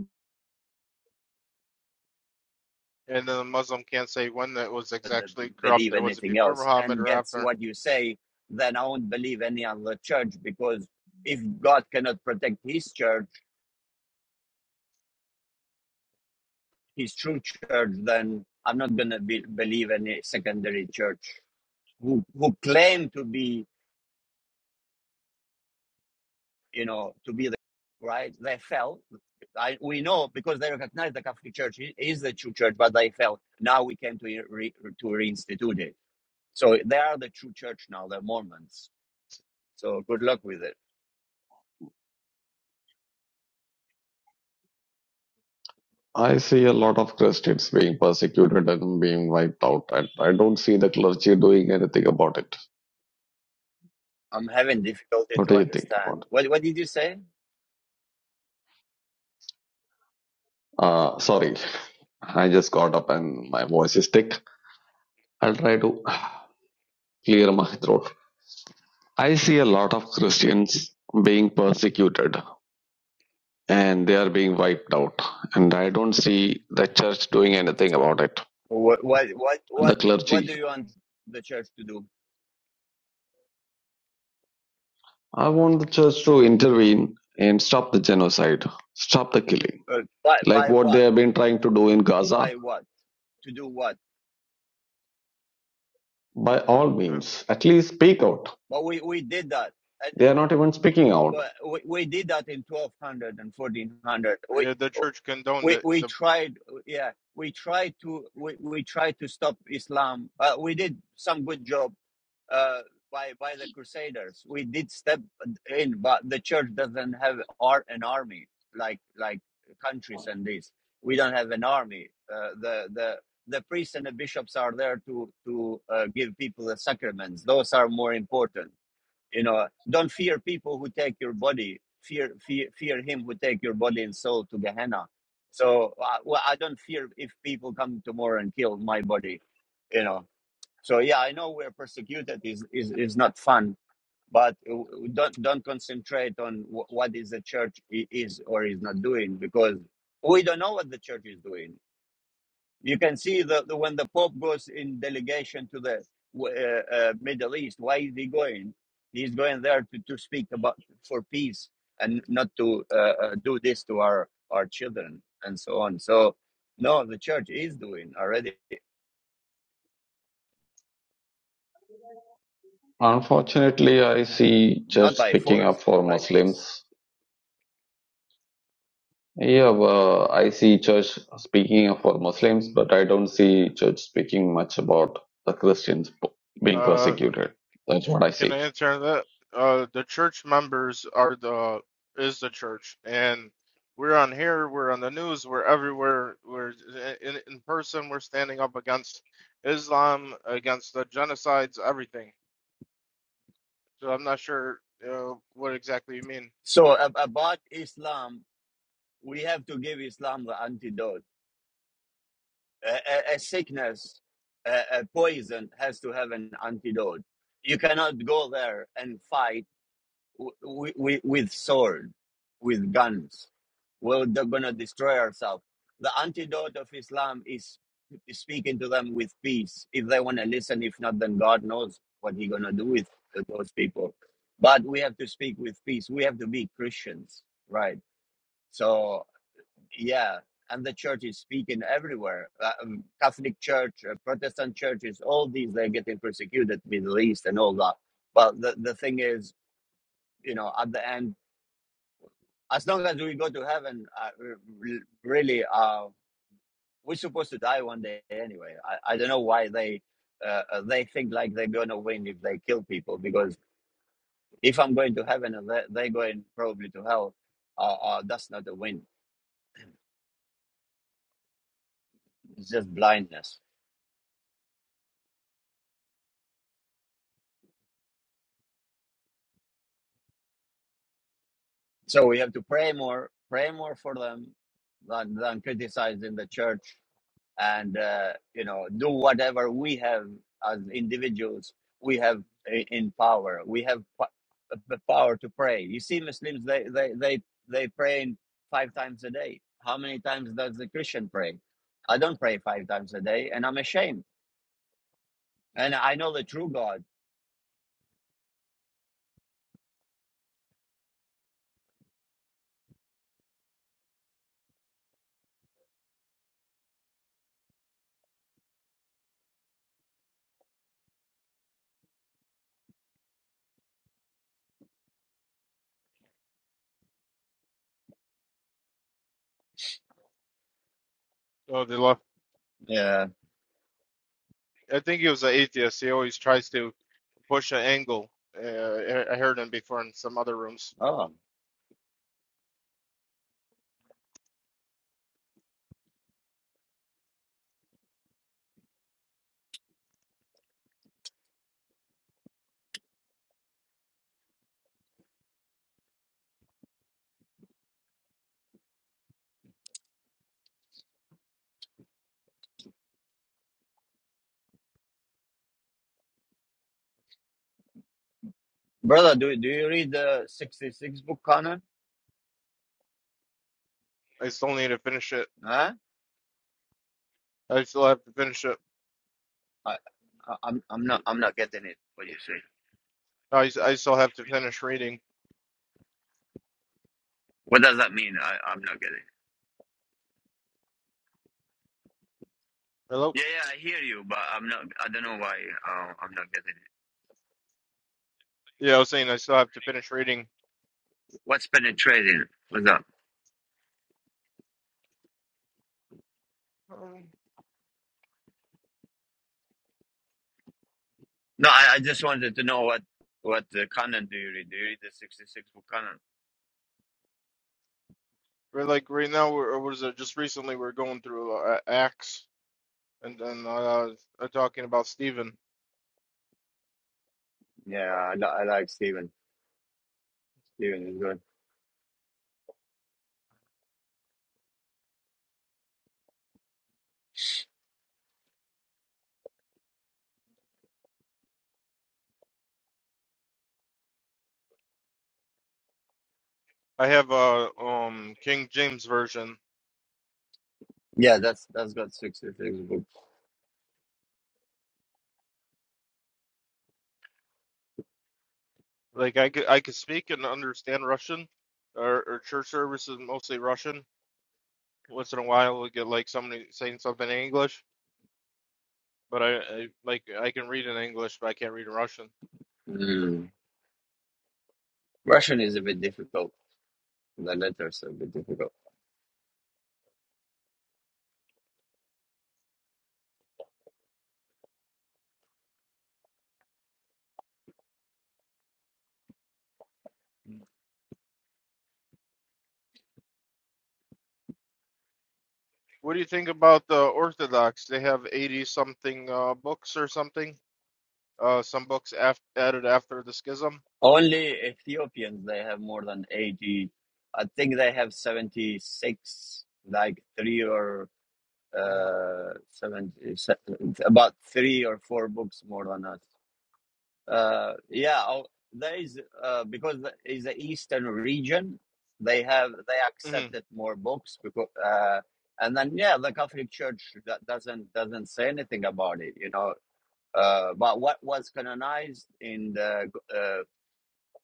Speaker 2: And then the Muslim can't say when that was exactly
Speaker 1: believe
Speaker 2: corrupted. Was it
Speaker 1: anything
Speaker 2: before
Speaker 1: else
Speaker 2: Muhammad
Speaker 1: and
Speaker 2: or
Speaker 1: gets
Speaker 2: after?
Speaker 1: what you say, then I won't believe any other church because if God cannot protect his church, his true church, then I'm not going to be, believe any secondary church who, who claim to be, you know, to be the right. They fell. I, we know because they recognize the Catholic Church is the true church, but they fell. Now we came to re, to reinstitute it. So they are the true church now, the Mormons. So good luck with it.
Speaker 3: I see a lot of Christians being persecuted and being wiped out, and I don't see the clergy doing anything about it.
Speaker 1: I'm having difficulty
Speaker 3: What
Speaker 1: to
Speaker 3: do you think about
Speaker 1: understand.
Speaker 3: it?
Speaker 1: What what did you say?
Speaker 3: Uh, sorry, I just got up and my voice is thick. I'll try to clear my throat. I see a lot of Christians being persecuted and they are being wiped out. And I don't see the church doing anything about it.
Speaker 1: What what what
Speaker 3: The
Speaker 1: what what do
Speaker 3: clergy.
Speaker 1: you
Speaker 2: Mm.
Speaker 1: want the church to do?
Speaker 3: I want the church to intervene and stop the genocide, stop the killing.
Speaker 1: Uh, by
Speaker 3: Like
Speaker 1: by
Speaker 3: what they
Speaker 1: what?
Speaker 3: have been trying to do in Gaza,
Speaker 1: By what? To do what?
Speaker 3: by all
Speaker 2: Uh,
Speaker 3: means, at least speak out.
Speaker 1: But we we did that, and
Speaker 3: They are not even speaking out.
Speaker 1: but we, we did that in 1200 and 1400.
Speaker 2: yeah, the
Speaker 1: We
Speaker 2: church condoned
Speaker 1: we
Speaker 2: it.
Speaker 1: we
Speaker 2: The
Speaker 1: tried yeah we tried to we, we tried to stop islam uh, we did some good job uh, by by the crusaders we did step in but the church doesn't have ar- an army like like countries and this we don't have an army uh, the the the priests and the bishops are there to to uh, give people the sacraments those are more important you know, don't fear people who take your body. Fear, fear, fear him who take your body and soul to Gehenna. So, uh, well, I don't fear if people come tomorrow and kill my body. You know. So yeah, I know we're persecuted is is is not fun, but w- w- don't don't concentrate on wh- what is the church i- is or is not doing because we don't know what the church is doing. You can see that when the Pope goes in delegation to the uh, uh, Middle East, why is he going? He's going there to, to speak about for peace and not to uh, uh, do this to our our children and so on. So, no, the church is doing already,
Speaker 3: Unfortunately, I see church
Speaker 1: not by
Speaker 3: speaking up
Speaker 1: force but
Speaker 3: for
Speaker 1: by peace.
Speaker 3: Muslims. Yeah, well, I see church speaking up for Muslims, but I don't see church speaking much about the Christians p- being
Speaker 2: uh,
Speaker 3: persecuted. That's what I
Speaker 2: Can
Speaker 3: see.
Speaker 2: I answer that? Uh, the church members are the is the church, and we're on here, we're on the news, we're everywhere, we're in in person, we're standing up against Islam, against the genocides, everything. So I'm not sure uh, what exactly you mean.
Speaker 1: So ab- about Islam, we have to give Islam the antidote. A, a, a sickness, a, a poison has to have an antidote you cannot go there and fight w- w- with sword, with guns. We're going to destroy ourselves. The antidote of Islam is speaking to them with peace. If they want to listen, if not, then God knows what He going to do with those people. But we have to speak with peace. We have to be Christians, right? So, yeah. And the church is speaking everywhere. Uh, um, Catholic Church, uh, Protestant churches, all these, they're getting persecuted, Middle East and all that. But the, the thing is, you know, at the end, as long as we go to heaven, uh, really, uh, we're supposed to die one day anyway. I, I don't know why they uh, uh, they think like they're gonna win if they kill people. Because if I'm going to heaven and they they going probably to hell, uh, uh, that's not a win. It's just blindness. So we have to pray more, pray more for them than than criticizing the church and uh, you know do whatever we have as individuals we have i- in power we have po- the power to pray you see muslims they they they, they pray in five times a day how many times does the christian pray i don't pray five times a day and i'm ashamed and i know the true god
Speaker 2: Oh, the left.
Speaker 1: yeah
Speaker 2: I think he was an atheist. He always tries to push an angle. Uh, I I heard him before in some other rooms.
Speaker 1: oh brother do, do you read the 66 book canon
Speaker 2: I still need to finish it.
Speaker 1: huh
Speaker 2: I still have to finish it.
Speaker 1: I, I- I'm, I'm not i'm not getting it what do you say
Speaker 2: I, I still have to finish reading.
Speaker 1: what does that mean I, i'm not getting it
Speaker 2: Hello.
Speaker 1: Yeah, yeah, I hear you, but I'm not. I don't know why uh, I'm not getting it.
Speaker 2: Yeah, I was saying I still have to finish reading.
Speaker 1: What's penetrating? What's up?
Speaker 2: Um,
Speaker 1: No, I, I just wanted to know what what uh, canon do you read? Do you read the sixty six book canon?
Speaker 2: But like right now, we're, or was it just recently we're going through uh, Acts and then uh, uh, talking about Stephen.
Speaker 1: Yeah, I, li- I like Stephen. Stephen is good.
Speaker 2: I have a um King James version.
Speaker 1: Yeah, that's that's got sixty six books.
Speaker 2: Like I could I could speak and understand Russian, or, or church services mostly Russian. Once in a while, we get like somebody saying something in English, but I, I like I can read in English, but I can't read in Russian.
Speaker 1: Mm. Russian is a bit difficult. The letters are a bit difficult.
Speaker 2: What do you think about the Orthodox? They have eighty something uh, books or something. Uh, some books af- added after the schism.
Speaker 1: Only Ethiopians they have more than eighty. I think they have seventy six, like three or
Speaker 2: Mhm,
Speaker 1: uh, seven, se- about three or four books more than us. Uh, yeah, I'll- there is uh, because it's the Eastern region. They have they
Speaker 2: mhm,
Speaker 1: accepted more books because, uh, and then yeah, the Catholic Church that doesn't doesn't say anything about it, you know. Uh, but what was canonized in the uh,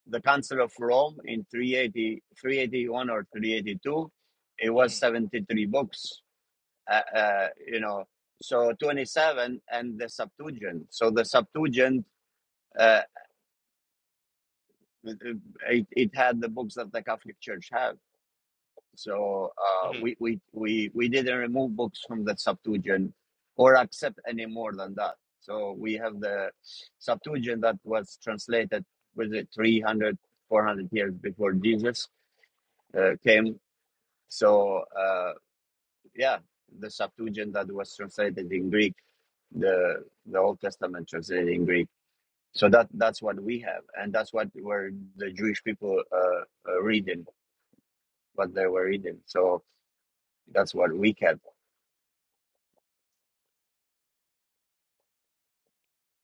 Speaker 1: the Council of Rome in three eighty three eighty one or 382, it was
Speaker 2: mhm,
Speaker 1: 73 books uh, uh, you know, so 27 and the Septuagint. So the Septuagint, uh, it, it had the books that the Catholic Church have. So uh,
Speaker 2: mhm.
Speaker 1: we, we, we, we didn't remove books from the Septuagint or accept any more than that. So we have the Septuagint that was translated with it 300, years before Jesus uh, came. So uh, yeah, the Septuagint that was translated in Greek the the Old Testament translated in Greek. So that that's what we have, and that's what were the Jewish people uh, uh, reading, what they were reading. So that's what we kept,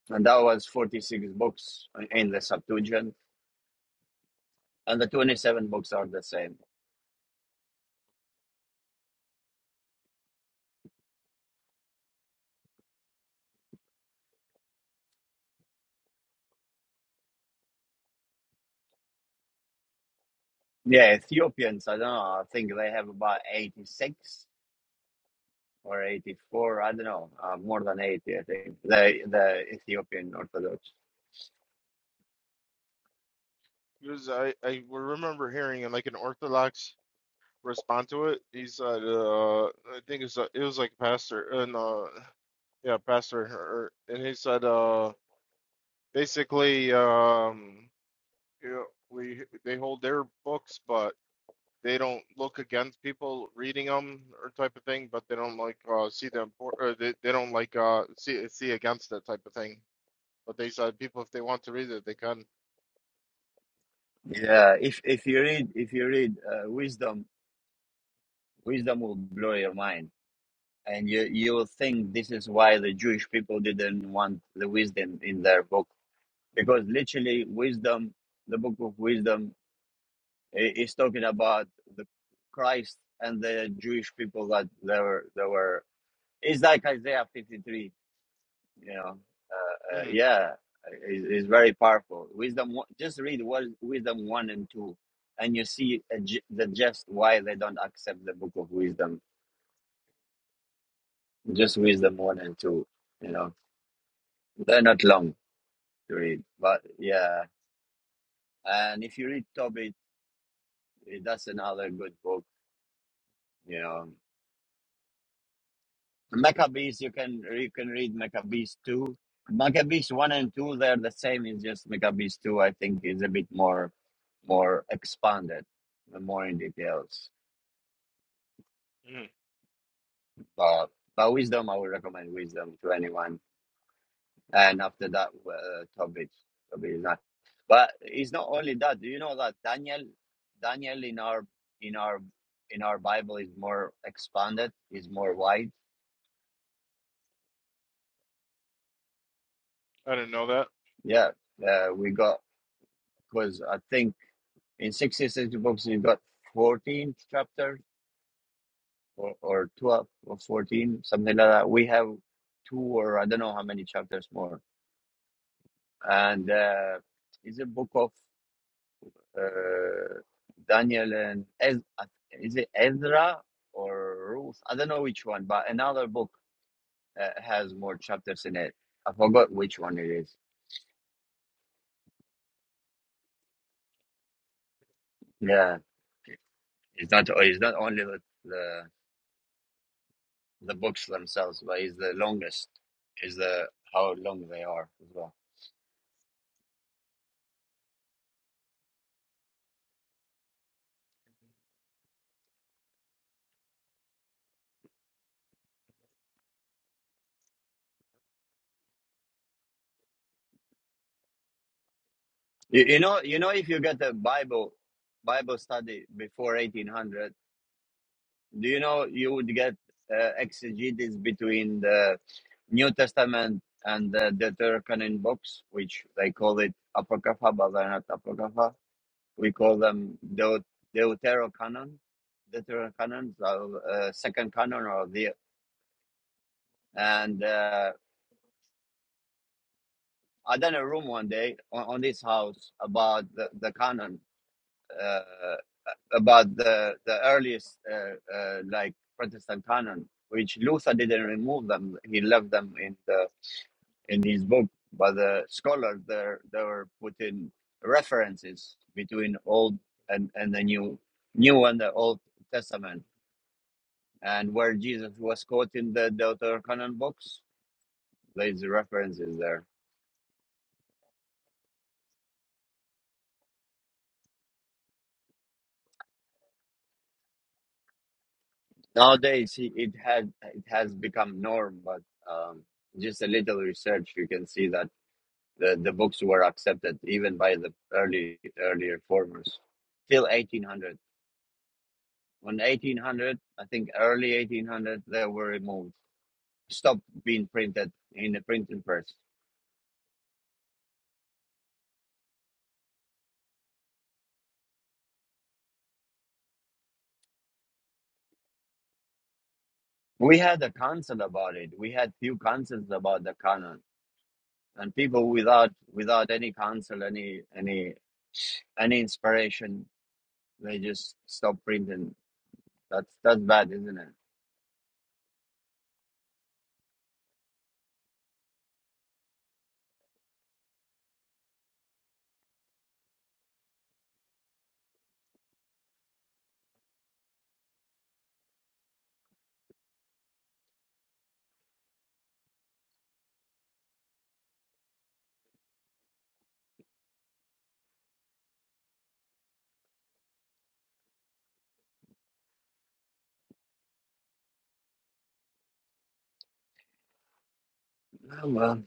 Speaker 1: and that was forty six books in the Septuagint, and the twenty seven books are the same. Yeah, Ethiopians, I don't know. I think they have about eighty six or eighty four. I don't know, uh, more than eighty. I think the the Ethiopian Orthodox.
Speaker 2: Because I, I remember hearing in like an Orthodox respond to it. He said, uh, I think it's a, it was like pastor and uh, yeah, pastor, or, and he said, uh, basically, um, you know, we they hold their books, but they don't look against people reading them or type of thing, but they don't like uh, see the import, or uh, they, they don't like uh, see see against that type of thing. But they said people, if they want to read it, they can.
Speaker 1: Yeah, if if you read if you read uh, Wisdom, Wisdom will blow your mind And you you will think this is why the Jewish people didn't want the wisdom in their book because literally wisdom, the book of wisdom i- is talking about the Christ and the Jewish people that they were they were. It's like Isaiah fifty three, you know. Uh, uh,
Speaker 2: hmm
Speaker 1: yeah, is is very powerful. Wisdom. one- Just read what wisdom one and two, and you see a ju- the just why they don't accept the book of wisdom. Just wisdom one and two. You know, they're not long. To read. But yeah, and if you read Tobit, eh, that's another good book. You know, Maccabees, you can you can read Maccabees two. Maccabees one and two, they're the same. It's just Maccabees two, I think, is a bit more more expanded, more in details.
Speaker 2: hmm
Speaker 1: But but wisdom, I would recommend wisdom to anyone. and after that uh, Tobic, Tobic is not. But it's not only that. Do you know that Daniel, Daniel in our in our in our Bible is more expanded, is more wide.
Speaker 2: I didn't know that.
Speaker 1: Yeah, uh, we got because I think in sixty six books you got fourteen chapters or or twelve or fourteen something like that. We have two or I don't know how many chapters more, and uh, it's a book of uh, Daniel and Ez- is it Ezra or Ruth? I don't know which one, but another book uh, has more chapters in it. I forgot which one it is. Yeah, it's not. It's not only the the, the books themselves, but it's the longest. Is the how long they are as well. You, you know, you know, if you get a Bible Bible study before 1800. Do you know you would get uh, exegesis between the New Testament and the Deuterocanon books, which they call it Apocrypha, but they're not Apocrypha. We call them Deut- Deuterocanon, Deuterocanon, so, uh, second canon or the. And uh, I done a room one day on, on this house about the, the canon. Uh, about the the earliest uh, uh, like Protestant canon, which Luther didn't remove them. He left them in the in his book. But the scholars there they were putting references between old and and the new new and the old testament and where jesus was caught in the deuterocanon books there's references there nowadays he- it had it has become norm but um just a little research you can see that The, the books were accepted even by the early early reformers till 1800. When 1800, I think early 1800, they were removed, stopped being printed in the printing press. We had a council about it. We had few councils about the canon, and people without without any council, any any any inspiration, they just stopped printing. That's that's bad, isn't it? Oh, well,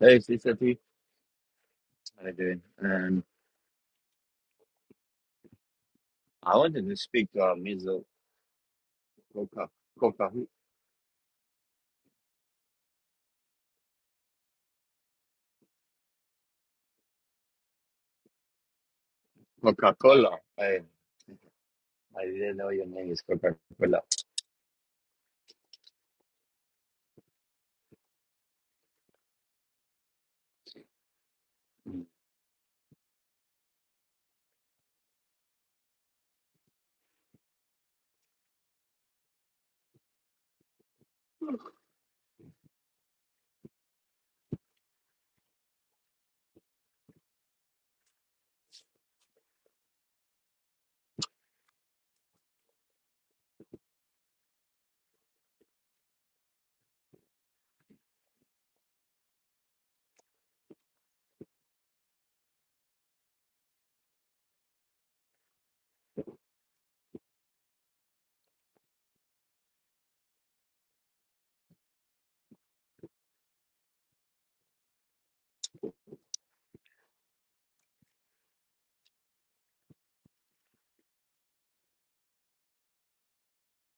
Speaker 1: hey, Sister T, how you doing? Um, I wanted to speak to our Mizzle. Coca Coca Coca Cola. I I didn't know your name is Coca Cola.